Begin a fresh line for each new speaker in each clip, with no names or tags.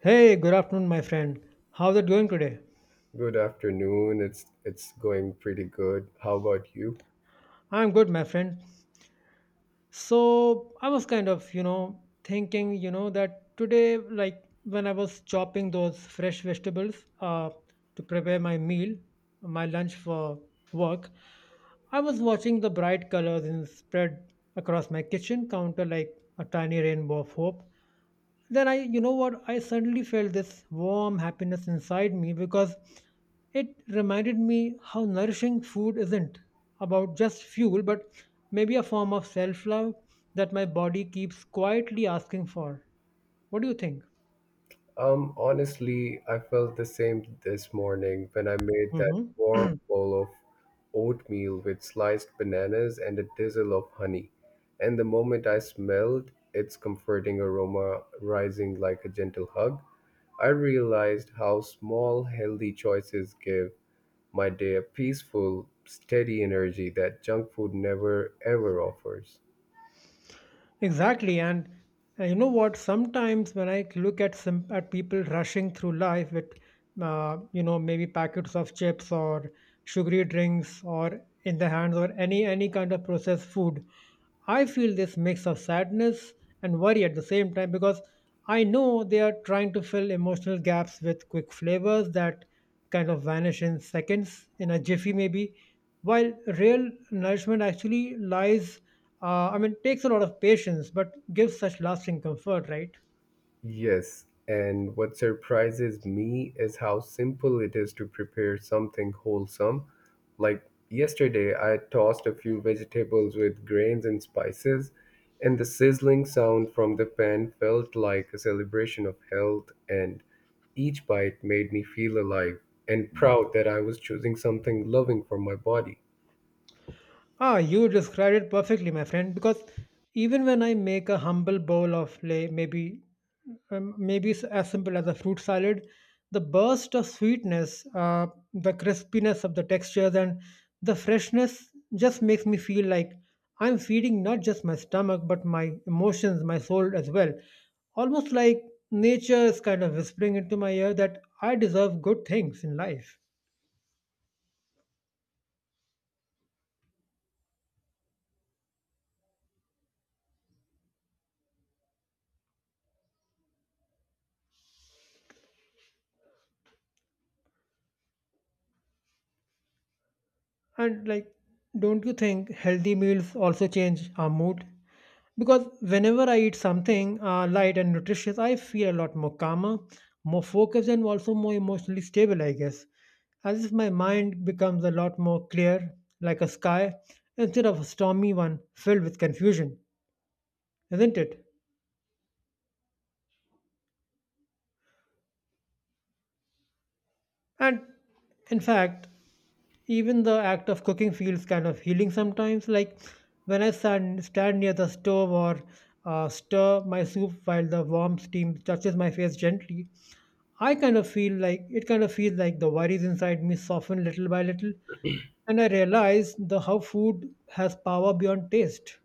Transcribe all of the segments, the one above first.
Hey, good afternoon, my friend. How's it going today?
Good afternoon. It's going pretty good. How about you?
I'm good, my friend. So, I was kind of, thinking, that today, like when I was chopping those fresh vegetables to prepare my meal, my lunch for work, I was watching the bright colors in spread across my kitchen counter like a tiny rainbow of hope. Then I you know what I suddenly felt this warm happiness inside me because it reminded me how nourishing food isn't about just fuel but maybe a form of self-love that my body keeps quietly asking for. What do you think?
Honestly, I felt the same this morning when I made that
Hmm
warm bowl of oatmeal with sliced bananas and a drizzle of honey. And the moment I smelled its comforting aroma rising like a gentle hug, I realized how small healthy choices give my day a peaceful, steady energy that junk food never ever offers.
Exactly. And you know what? Sometimes when I look at some at people rushing through life with, you know, maybe packets of chips or sugary drinks or in the hands or any kind of processed food, I feel this mix of sadness and worry at the same time because I know they are trying to fill emotional gaps with quick flavors that kind of vanish in seconds, in a jiffy maybe, while real nourishment actually lies, I mean, takes a lot of patience, but gives such lasting comfort, right?
Yes, and what surprises me is how simple it is to prepare something wholesome. Like yesterday, I tossed a few vegetables with grains and spices, and the sizzling sound from the pan felt like a celebration of health, and each bite made me feel alive and proud that I was choosing something loving for my body.
Ah, you described it perfectly, my friend. Because even when I make a humble bowl of lay, maybe maybe as simple as a fruit salad, the burst of sweetness, the crispiness of the textures, and the freshness just makes me feel like I'm feeding not just my stomach but my emotions, my soul as well. Almost like nature is kind of whispering into my ear that I deserve good things in life. And like, don't you think healthy meals also change our mood? Because whenever I eat something light and nutritious, I feel a lot more calmer, more focused, and also more emotionally stable, I guess. As if my mind becomes a lot more clear, like a sky, instead of a stormy one filled with confusion, isn't it? And in fact, even the act of cooking feels kind of healing sometimes, like when I stand near the stove or stir my soup while the warm steam touches my face gently, I kind of feel like it kind of feels like the worries inside me soften little by little, and I realize the how food has power beyond taste.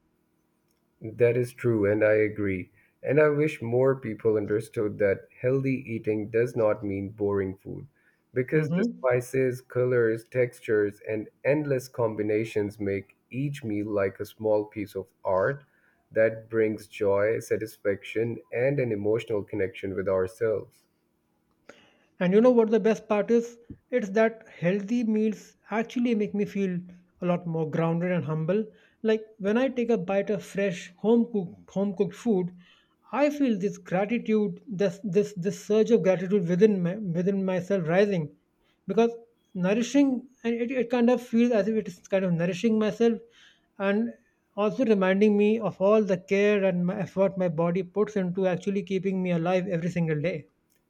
That is true, and I agree. And I wish more people understood that healthy eating does not mean boring food, because the
Hmm
spices, colors, textures, and endless combinations make each meal like a small piece of art that brings joy, satisfaction, and an emotional connection with ourselves.
And you know what the best part is? It's that healthy meals actually make me feel a lot more grounded and humble. Like when I take a bite of fresh home cooked food, I feel this gratitude, this surge of gratitude within myself rising, because it kind of feels as if it is kind of nourishing myself, and also reminding me of all the care and my effort my body puts into actually keeping me alive every single day.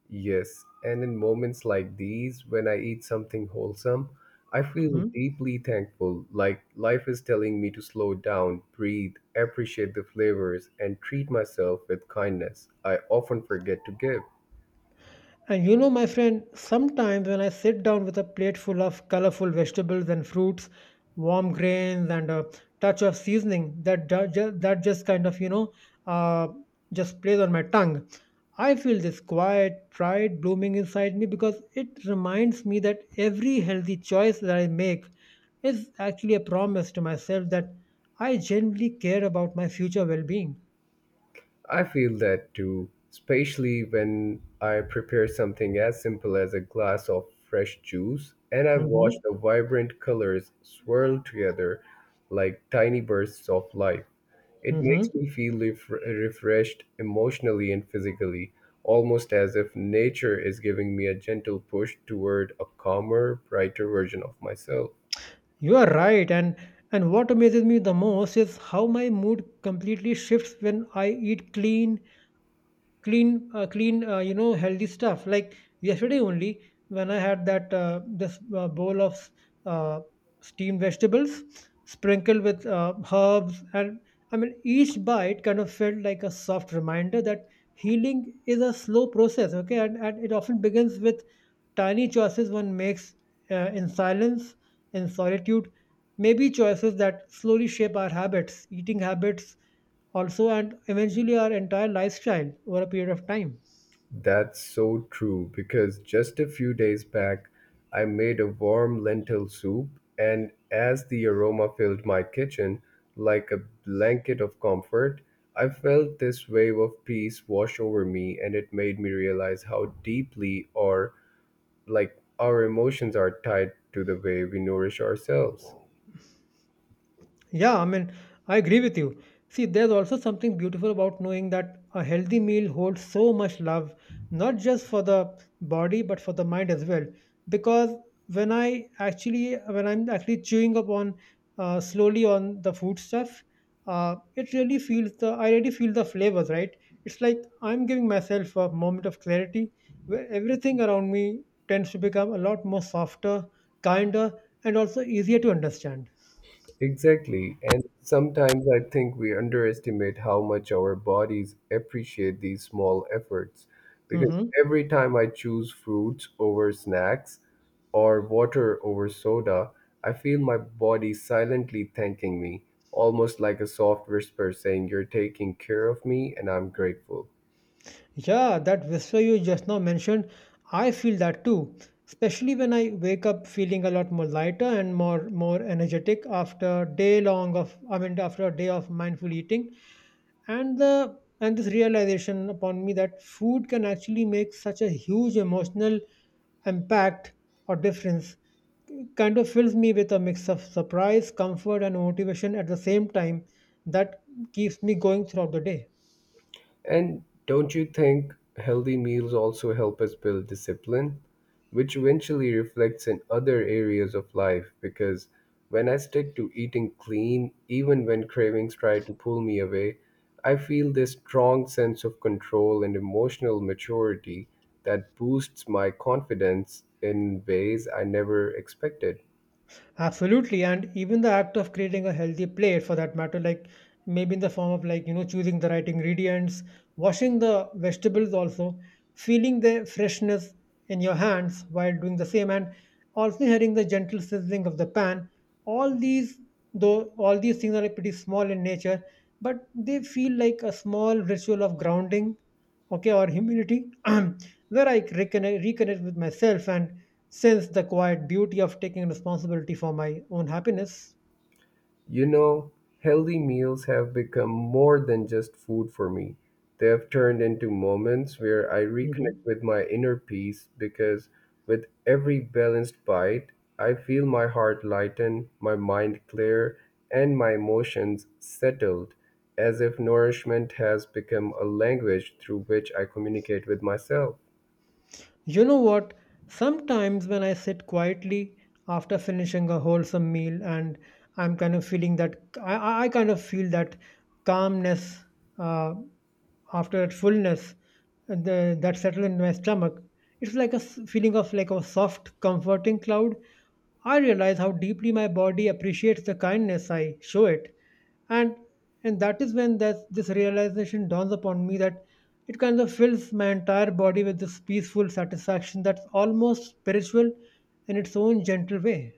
Yes, and in moments like these, when I eat something wholesome, I feel
Mhm.
deeply thankful, like life is telling me to slow down, breathe, appreciate the flavors, and treat myself with kindness I often forget to give.
And you know, my friend, sometimes when I sit down with a plate full of colorful vegetables and fruits, warm grains, and a touch of seasoning, that just kind of uh, just plays on my tongue. I feel this quiet pride blooming inside me because it reminds me that every healthy choice that I make is actually a promise to myself that I genuinely care about my future well-being.
I feel that too, especially when I prepare something as simple as a glass of fresh juice and I watch
Mm-hmm.
the vibrant colors swirl together like tiny bursts of life. It
Mm-hmm.
makes me feel refreshed emotionally and physically, almost as if nature is giving me a gentle push toward a calmer, brighter version of myself.
You are right, and what amazes me the most is how my mood completely shifts when I eat you know, healthy stuff. Like yesterday only, when I had that this bowl of uh, steamed vegetables sprinkled with herbs, and I mean each bite kind of felt like a soft reminder that healing is a slow process. Okay, and it often begins with tiny choices one makes in silence and solitude, may be choices that slowly shape our habits, eating habits also, and eventually our entire lifestyle over a period of time.
That's so true because just a few days back, I made a warm lentil soup, and as the aroma filled my kitchen like a blanket of comfort, I felt this wave of peace wash over me, and it made me realize how deeply or like our emotions are tied to the way we nourish ourselves.
Yeah, I mean, I agree with you. See, there's also something beautiful about knowing that a healthy meal holds so much love, not just for the body, but for the mind as well. Because when I'm actually chewing upon slowly on the food stuff, it really feels the, I really feel the flavors, right? It's like I'm giving myself a moment of clarity where everything around me tends to become a lot more softer, kinder, and also easier to understand.
Exactly. And sometimes I think we underestimate how much our bodies appreciate these small efforts. Because
Hmm
every time I choose fruits over snacks or water over soda, I feel my body silently thanking me, almost like a soft whisper saying, "You're taking care of me and I'm grateful."
Yeah, that whisper you just now mentioned, I feel that too. Especially when I wake up feeling a lot more lighter and more energetic after a day long of I mean after a day of mindful eating. And this realization upon me that food can actually make such a huge emotional impact or difference kind of fills me with a mix of surprise, comfort and motivation at the same time that keeps me going throughout the day.
And don't you think healthy meals also help us build discipline, which eventually reflects in other areas of life? Because when I stick to eating clean, even when cravings try to pull me away, I feel this strong sense of control and emotional maturity that boosts my confidence in ways I never expected.
Absolutely. And even the act of creating a healthy plate for that matter, like maybe in the form of like, you know, choosing the right ingredients, washing the vegetables also, feeling the freshness in your hands while doing the same and also hearing the gentle sizzling of the pan. All these, though all these things are like pretty small in nature, but they feel like a small ritual of grounding, okay, or humility, where I reconnect with myself and sense the quiet beauty of taking responsibility for my own happiness.
You know, healthy meals have become more than just food for me. They have turned into moments where I reconnect
Mhm.
with my inner peace because with every balanced bite, I feel my heart lighten, my mind clear, and my emotions settled, as if nourishment has become a language through which I communicate with myself.
You know what, sometimes when I sit quietly after finishing a wholesome meal and i'm kind of feeling that I kind of feel that calmness uh, after that fullness and that settled in my stomach, it's like feeling of like a soft comforting cloud. I realize how deeply my body appreciates the kindness I show it, and and that is when that this realization dawns upon me that it kind of fills my entire body with this peaceful satisfaction that's almost spiritual in its own gentle way.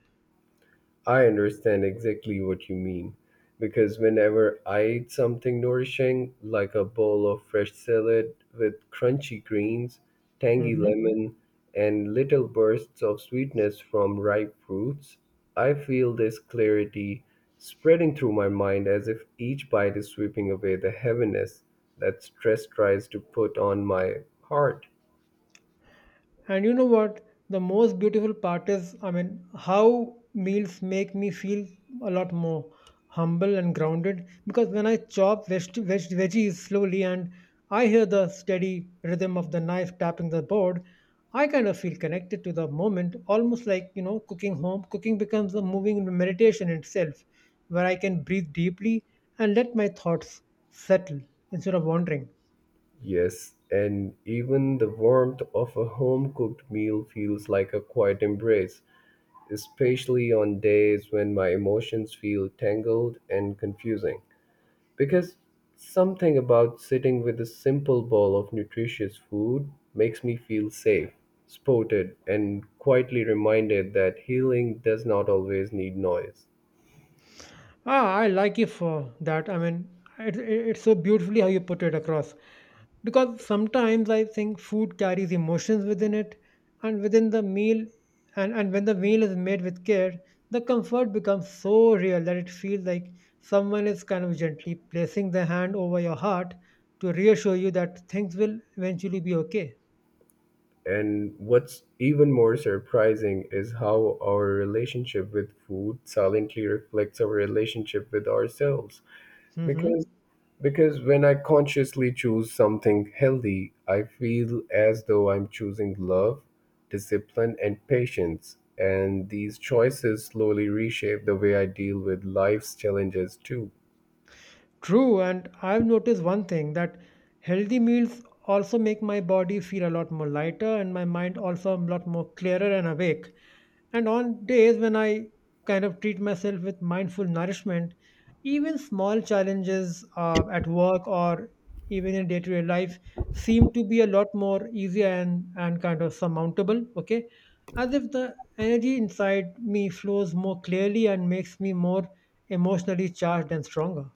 I understand exactly what you mean because whenever I eat something nourishing, like a bowl of fresh salad with crunchy greens, tangy
Mhm.
lemon, and little bursts of sweetness from ripe fruits, I feel this clarity spreading through my mind as if each bite is sweeping away the heaviness that stress tries to put on my heart.
And you know what? The most beautiful part is, I mean, how meals make me feel a lot more humble and grounded because when I chop veggies slowly and I hear the steady rhythm of the knife tapping the board, I kind of feel connected to the moment, almost like, you know, cooking home. Cooking becomes a moving meditation itself where I can breathe deeply and let my thoughts settle instead of wandering.
Yes, and even the warmth of a home cooked meal feels like a quiet embrace, especially on days when my emotions feel tangled and confusing. Because something about sitting with a simple bowl of nutritious food makes me feel safe, supported, and quietly reminded that healing does not always need noise.
Ah, I like you for that. I mean, it's so beautifully how you put it across. Because sometimes I think food carries emotions within it, and within the meal, and, when the meal is made with care, the comfort becomes so real that it feels like someone is kind of gently placing their hand over your heart to reassure you that things will eventually be okay.
And what's even more surprising is how our relationship with food silently reflects our relationship with ourselves. Because
Mm-hmm.
because when I consciously choose something healthy, I feel as though I'm choosing love, discipline, and patience. And these choices slowly reshape the way I deal with life's challenges too.
True, and I've noticed one thing that healthy meals also make my body feel a lot more lighter and my mind also a lot more clearer and awake. And on days when I kind of treat myself with mindful nourishment, even small challenges at work or even in day to day life seem to be a lot more easier and, kind of surmountable, okay? As if the energy inside me flows more clearly and makes me more emotionally charged and stronger.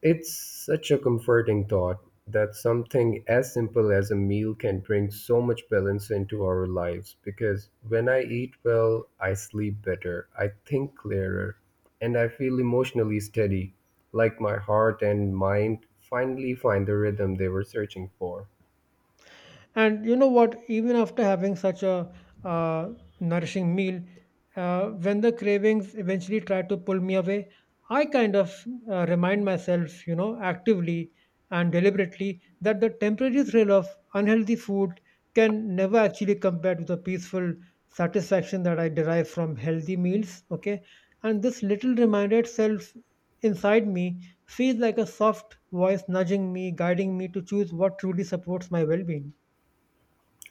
It's such a comforting thought that something as simple as a meal can bring so much balance into our lives because when I eat well, I sleep better, I think clearer, and I feel emotionally steady, like my heart and mind finally find the rhythm they were searching for.
And you know what? Even after having such a uh, nourishing meal, when the cravings eventually try to pull me away, I kind of remind myself, you know, actively and deliberately, that the temporary thrill of unhealthy food can never actually compare to the peaceful satisfaction that I derive from healthy meals. Okay. And this little reminder itself inside me feels like a soft voice nudging me, guiding me to choose what truly supports my well being.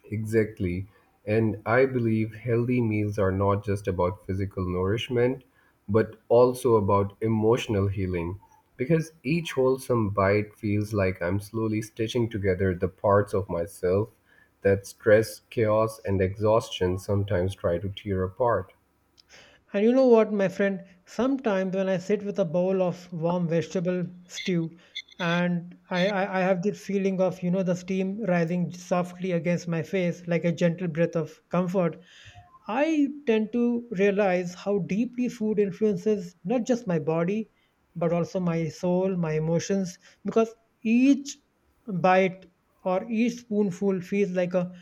Exactly. And I believe healthy meals are not just about physical nourishment, but also about emotional healing. Because each wholesome bite feels like I'm slowly stitching together the parts of myself that stress, chaos, and exhaustion sometimes try to tear apart.
And you know what, my friend? Sometimes when I sit with a bowl of warm vegetable stew, and I have this feeling of, you know, the steam rising softly against my face like a gentle breath of comfort, I tend to realize how deeply food influences not just my body, but also my soul, my emotions, because each bite or each spoonful feels like a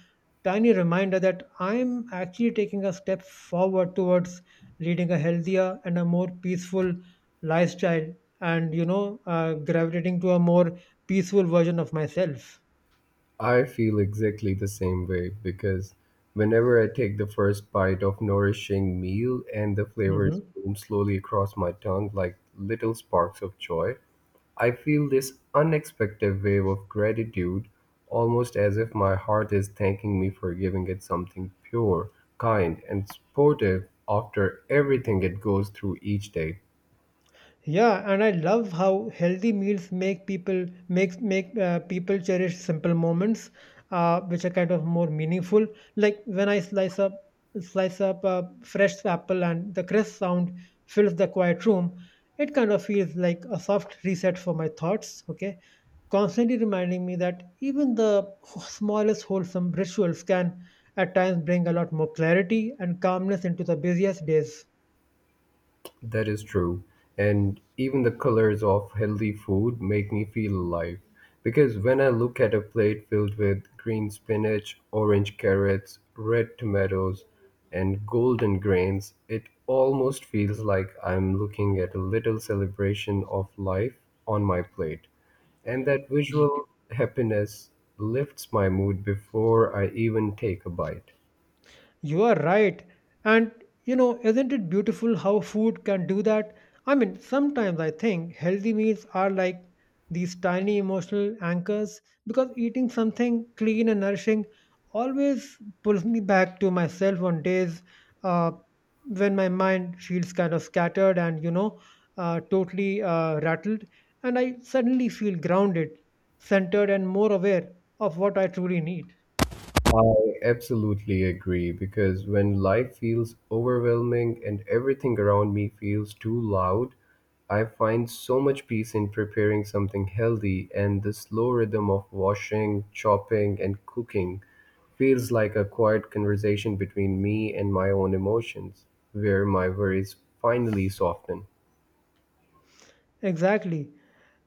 tiny reminder that I'm actually taking a step forward towards leading a healthier and a more peaceful lifestyle and, you know, gravitating to a more peaceful version of myself.
I feel exactly the same way because whenever I take the first bite of nourishing meal and the flavors
Mhm.
bloom slowly across my tongue like little sparks of joy, I feel this unexpected wave of gratitude, almost as if my heart is thanking me for giving it something pure, kind, and supportive after everything it goes through each day.
Yeah, and I love how healthy meals make people cherish simple moments, which are kind of more meaningful. Like when I slice up a fresh apple and the crisp sound fills the quiet room, it kind of feels like a soft reset for my thoughts. Okay, constantly reminding me that even the smallest wholesome rituals can at times bring a lot more clarity and calmness into the busiest days.
That is true. And even the colors of healthy food make me feel alive. Because when I look at a plate filled with green spinach, orange carrots, red tomatoes, and golden grains, it almost feels like I'm looking at a little celebration of life on my plate. And that visual happiness lifts my mood before I even take a bite.
You are right. And you know, isn't it beautiful how food can do that? I mean, sometimes I think healthy meals are like these tiny emotional anchors because eating something clean and nourishing always pulls me back to myself on days uh, when my mind feels kind of scattered and totally rattled. And I suddenly feel grounded, centered, and more aware of what I truly need.
I absolutely agree because when life feels overwhelming and everything around me feels too loud, I find so much peace in preparing something healthy, and the slow rhythm of washing, chopping, and cooking feels like a quiet conversation between me and my own emotions, where my worries finally soften.
Exactly.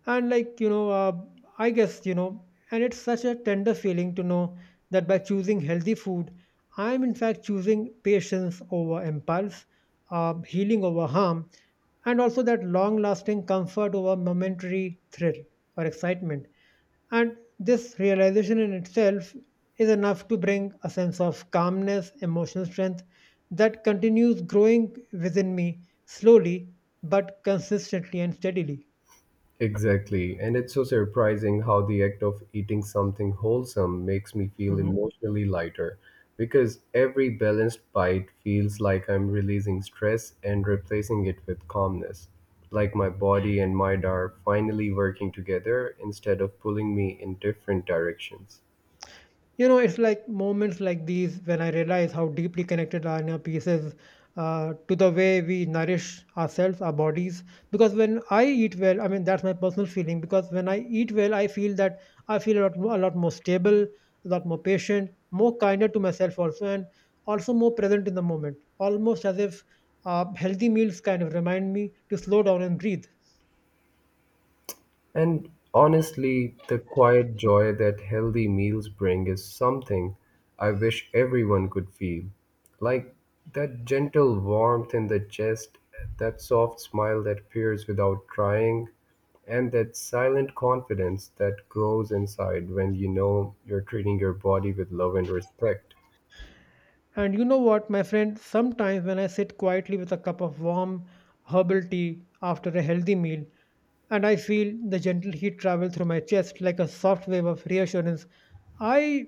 And like, you know, I guess, you know, and it's such a tender feeling to know that by choosing healthy food, I'm in fact choosing patience over impulse, healing over harm, and also that long lasting comfort over momentary thrill or excitement. And this realization in itself is enough to bring a sense of calmness, emotional strength that continues growing within me slowly but consistently and steadily.
Exactly. And it's so surprising how the act of eating something wholesome makes me feel
Mhm.
emotionally lighter because every balanced bite feels like I'm releasing stress and replacing it with calmness. Like my body and mind are finally working together instead of pulling me in different directions.
You know, it's like moments like these when I realize how deeply connected Lana piece is to the way we nourish ourselves, our bodies. Because when I eat well, I mean that's my personal feeling. Because when I eat well, I feel a lot more stable, a lot more patient, more kinder to myself also, and also more present in the moment. Almost as if healthy meals kind of remind me to slow down and breathe.
And honestly, the quiet joy that healthy meals bring is something I wish everyone could feel. Like that gentle warmth in the chest, that soft smile that appears without trying, and that silent confidence that grows inside when you know you're treating your body with love and respect.
And you know what, my friend? Sometimes when I sit quietly with a cup of warm herbal tea after a healthy meal, and I feel the gentle heat travel through my chest like a soft wave of reassurance, I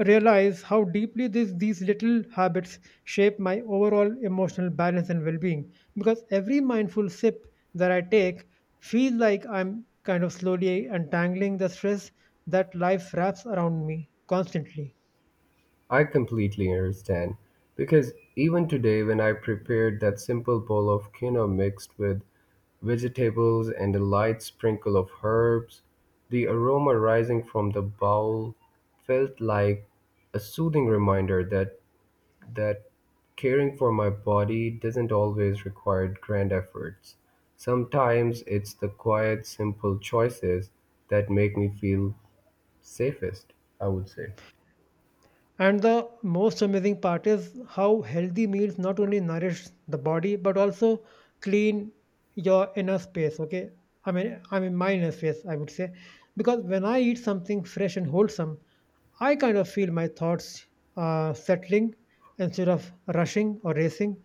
realize how deeply these little habits shape my overall emotional balance and well being. Because every mindful sip that I take feels like I'm kind of slowly untangling the stress that life wraps around me constantly.
I completely understand because even today, when I prepared that simple bowl of quinoa mixed with vegetables and a light sprinkle of herbs. The aroma rising from the bowl felt like a soothing reminder that caring for my body doesn't always require grand efforts. Sometimes it's the quiet, simple choices that make me feel safest, I would say.
And the most amazing part is how healthy meals not only nourish the body but also clean your inner space. Okay, I mean my inner space, I would say, because when I eat something fresh and wholesome, I kind of feel my thoughts settling instead of rushing or racing.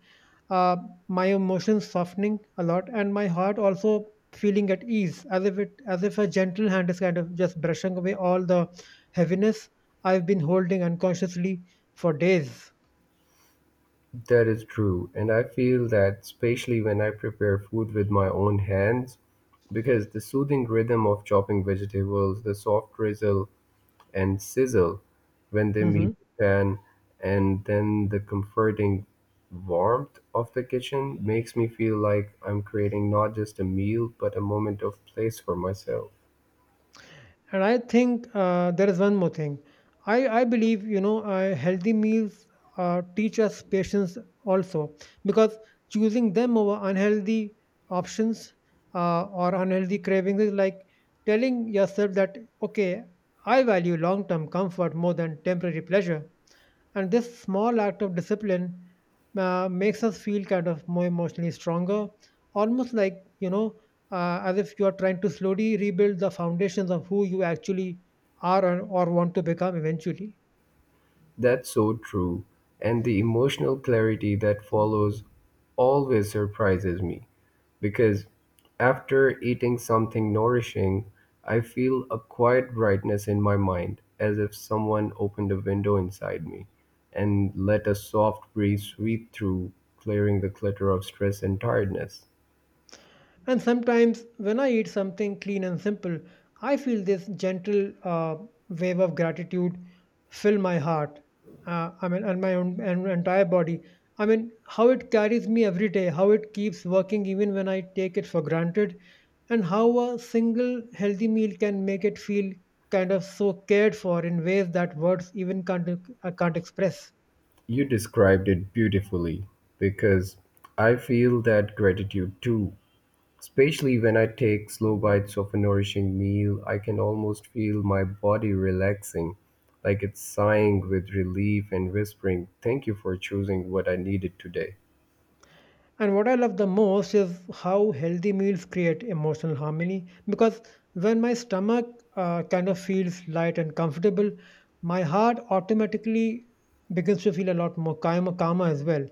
Uh, my emotions softening a lot, and my heart also feeling at ease, as if a gentle hand is kind of just brushing away all the heaviness I've been holding unconsciously for days.
That is true. And I feel that especially when I prepare food with my own hands, because the soothing rhythm of chopping vegetables, the soft drizzle and sizzle when they meet
Mhm.
the pan, and then the comforting warmth of the kitchen makes me feel like I'm creating not just a meal but a moment of place for myself.
And I think there is one more thing. I believe, healthy meals teach us patience also because choosing them over unhealthy options or unhealthy cravings is like telling yourself that, okay, I value long term comfort more than temporary pleasure. And this small act of discipline makes us feel kind of more emotionally stronger, almost like, you know, as if you are trying to slowly rebuild the foundations of who you actually are or want to become eventually.
That's so true, and the emotional clarity that follows always surprises me. Because after eating something nourishing, I feel a quiet brightness in my mind, as if someone opened a window inside me and let a soft breeze sweep through, clearing the clutter of stress and tiredness.
And sometimes when I eat something clean and simple, I feel this gentle wave of gratitude fill my heart. I mean, and my own and entire body. I mean, how it carries me every day, how it keeps working even when I take it for granted, and how a single healthy meal can make it feel kind of so cared for in ways that words even can't express.
You described it beautifully because I feel that gratitude too, especially when I take slow bites of a nourishing meal, I can almost feel my body relaxing, like it's sighing with relief and whispering, "Thank you for choosing what I needed today."
And what I love the most is how healthy meals create emotional harmony because when my stomach kind of feels light and comfortable, my heart automatically begins to feel a lot more calmer, calmer as well.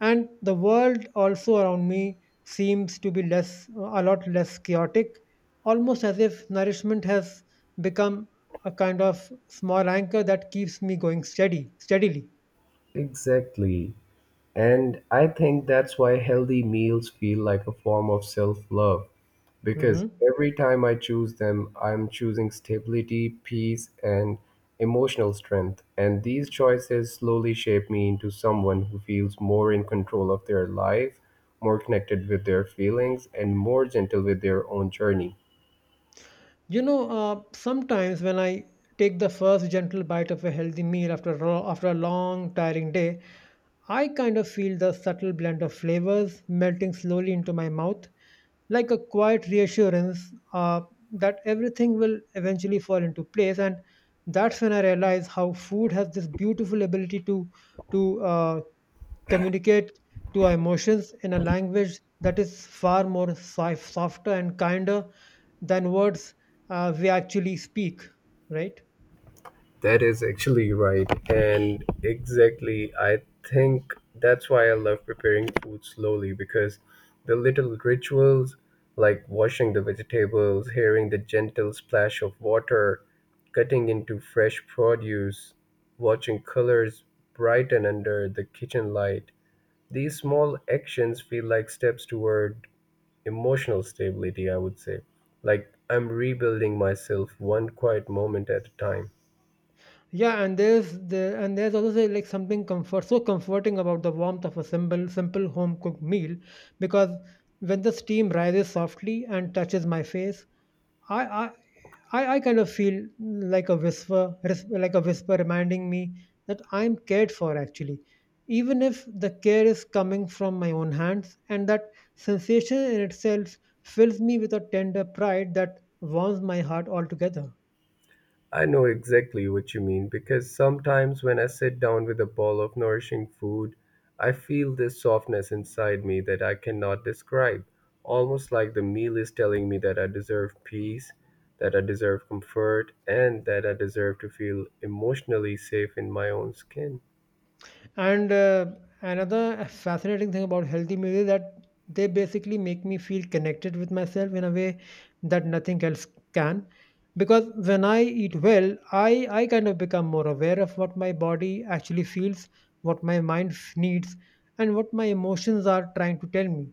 And the world also around me seems to be less, a lot less chaotic, almost as if nourishment has become a kind of small anchor that keeps me going steady, steadily.
Exactly. And I think that's why healthy meals feel like a form of self love because
Hmm.
every time I choose them, I'm choosing stability, peace, and emotional strength. And these choices slowly shape me into someone who feels more in control of their life, more connected with their feelings, and more gentle with their own journey.
Sometimes when I take the first gentle bite of a healthy meal after after a long, tiring day, I kind of feel the subtle blend of flavors melting slowly into my mouth, like a quiet reassurance uh, that everything will eventually fall into place. And that's when I realize how food has this beautiful ability to to uh, communicate to our emotions in a language that is far more softer and kinder than words we actually speak, right?
That is actually right. And exactly, I think that's why I love preparing food slowly because the little rituals like washing the vegetables, hearing the gentle splash of water, cutting into fresh produce, watching colors brighten under the kitchen light. These small actions feel like steps toward emotional stability, I would say. Like I'm rebuilding myself one quiet moment at a time.
Yeah, and there's also say, like something comfort so comforting about the warmth of a simple home cooked meal because when the steam rises softly and touches my face, I I I kind of feel like like a whisper reminding me that I'm cared for actually, even if the care is coming from my own hands, and that sensation in itself fills me with a tender pride that warms my heart altogether.
I know exactly what you mean because sometimes when I sit down with a bowl of nourishing food, I feel this softness inside me that I cannot describe. Almost like the meal is telling me that I deserve peace, that I deserve comfort, and that I deserve to feel emotionally safe in my own skin.
And another fascinating thing about healthy meals is that they basically make me feel connected with myself in a way that nothing else can. Because when I eat well, I kind of become more aware of what my body actually feels, what my needs, and what my emotions are trying to tell me.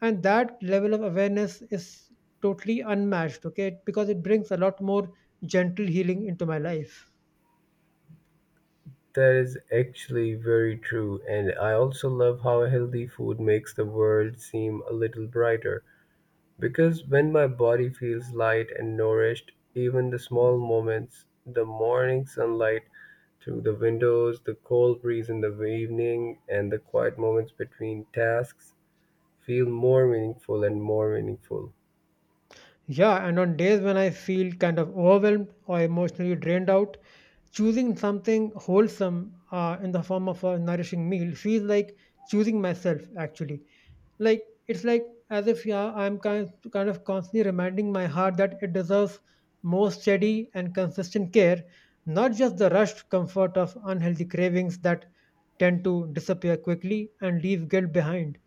And that level of awareness is totally unmatched, okay? Because it brings a lot more gentle healing into my life.
That is actually very true, and I also love how healthy food makes the world seem a little brighter because when my body feels light and nourished, even the small moments, the morning sunlight through the windows, the cold breeze in the evening, and the quiet moments between tasks feel more meaningful and more meaningful.
Yeah, and on days when I feel kind of overwhelmed or emotionally drained out, choosing something wholesome in the form of a nourishing meal feels like choosing myself actually. Like it's like as if yeah, I'm kind of constantly reminding my heart that it deserves more steady and consistent care, not just the rushed comfort of unhealthy cravings that tend to disappear quickly and leave guilt behind.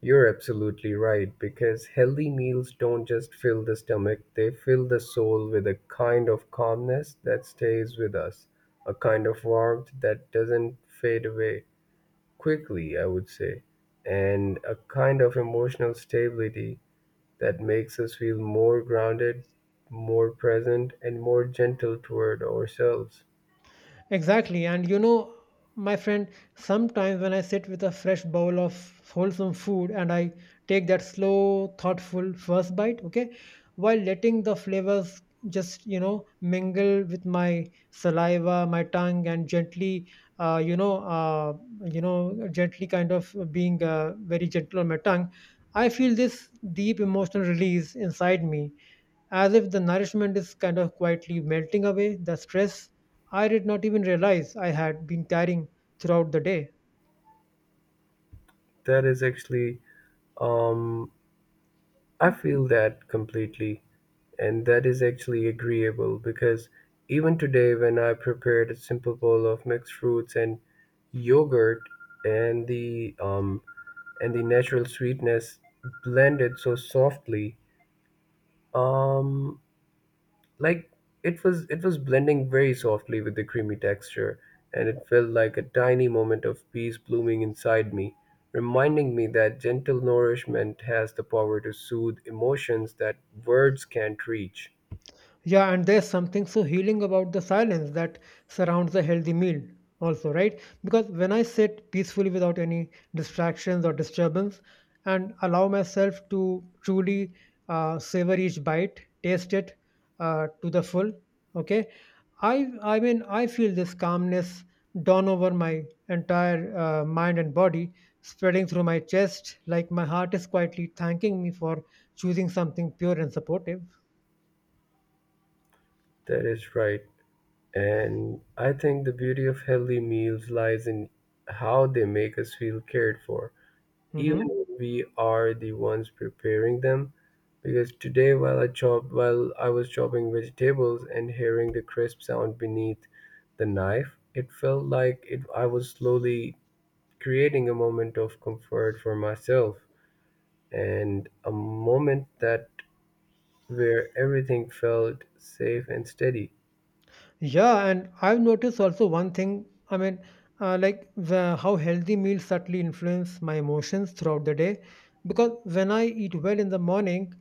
You're absolutely right, because healthy meals don't just fill the stomach, they fill the soul with a kind of calmness that stays with us, a kind of warmth that doesn't fade away quickly, I would say, and a kind of emotional stability that makes us feel more grounded, more present, and more gentle toward ourselves.
Exactly. And you know, my friend, sometimes when I sit with a fresh bowl of wholesome food and I take that slow, thoughtful first bite, okay, while letting the flavors mingle with my saliva, my tongue, and gently, uh, you know, uh, you know, gently kind of being very gentle on my tongue, I feel this deep emotional release inside me as if the nourishment is kind of quietly melting away the stress I did not even realize I had been carrying throughout the day.
That is actually, um, I feel that completely, and that is actually agreeable because even today, when I prepared a simple bowl of mixed fruits and yogurt and the um, and the natural sweetness blended so softly. Um, like it was blending very softly with the creamy texture and it felt like a tiny moment of peace blooming inside me, reminding me that gentle nourishment has the power to soothe emotions that words can't reach.
Yeah, and there's something so healing about the silence that surrounds a healthy meal, also, right? Because when I sit peacefully without any distractions or disturbance and allow myself to truly savor each bite, taste it to the full, okay? I mean, I feel this calmness dawn over my entire mind and body, spreading through my chest, like my heart is quietly thanking me for choosing something pure and supportive.
That is right, and I think the beauty of healthy meals lies in how they make us feel cared for even
Hmm.
if we are the ones preparing them. Because today, while I chopped, while I was chopping vegetables and hearing the crisp sound beneath the knife, it felt like it, I was slowly creating a moment of comfort for myself and a moment that where everything felt safe and steady.
Yeah, and I've noticed also one thing. Like how healthy meals subtly influence my emotions throughout the day. Because when I eat well in the morning,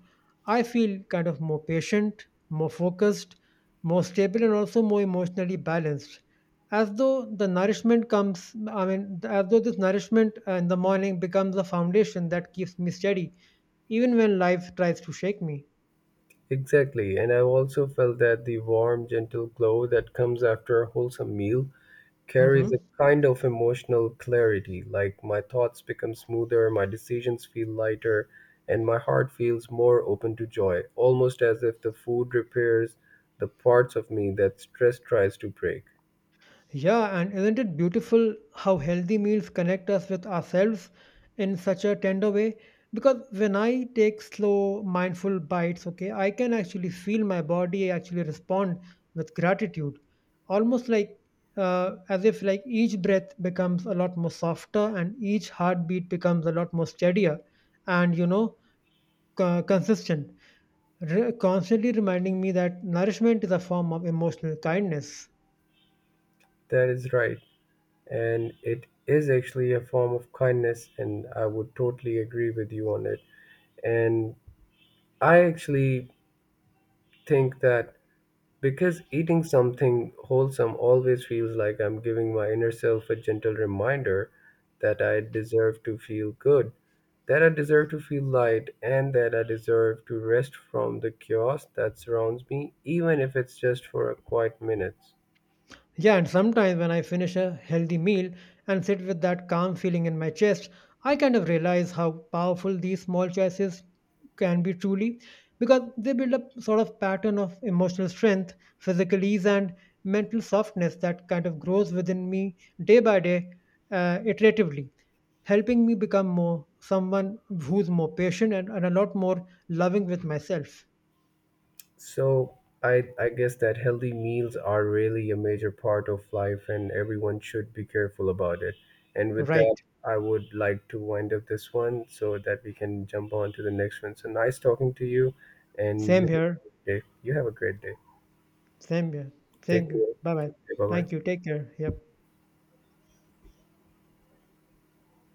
I feel kind of more patient, more focused, more stable, and also more emotionally balanced. As though the nourishment comes, I mean, as though this nourishment in the morning becomes a foundation that keeps me steady, even when life tries to shake me.
Exactly, and I also felt that the warm, gentle glow that comes after a wholesome meal carries a
Hmm.
kind of emotional clarity. Like my thoughts become smoother, my decisions feel lighter, and my heart feels more open to joy, almost as if the food repairs the parts of me that stress tries to break.
Yeah, and isn't it beautiful how healthy meals connect us with ourselves in such a tender way? Because when I take slow, mindful bites, okay, I can actually feel my body actually respond with gratitude, almost like as if like each breath becomes a lot more softer and each heartbeat becomes a lot more steadier and consistent, constantly reminding me that nourishment is a form of emotional kindness.
That is right. And it is actually a form of kindness, and I would totally agree with you on it. And I actually think that because eating something wholesome always feels like I'm giving my inner self a gentle reminder that I deserve to feel good, that I deserve to feel light, and that I deserve to rest from the chaos that surrounds me, even if it's just for a quiet minute.
Yeah, and sometimes when I finish a healthy meal and sit with that calm feeling in my chest, I kind of realize how powerful these small choices can be truly because they build up sort of pattern of emotional strength, physical ease, and mental softness that kind of grows within me day by day, iteratively, helping me become more someone who's more patient and a lot more loving with myself.
So I guess that healthy meals are really a major part of life and everyone should be careful about it. And with that,
Right.
I would like to wind up this one so that we can jump on to the next one. So nice talking to you and you
Same
have
here.
a great day. You have a great day.
Same here.
Take
Same.
care.
Bye bye.
Take care. Bye
Thank you.
bye.
Take care. Yep.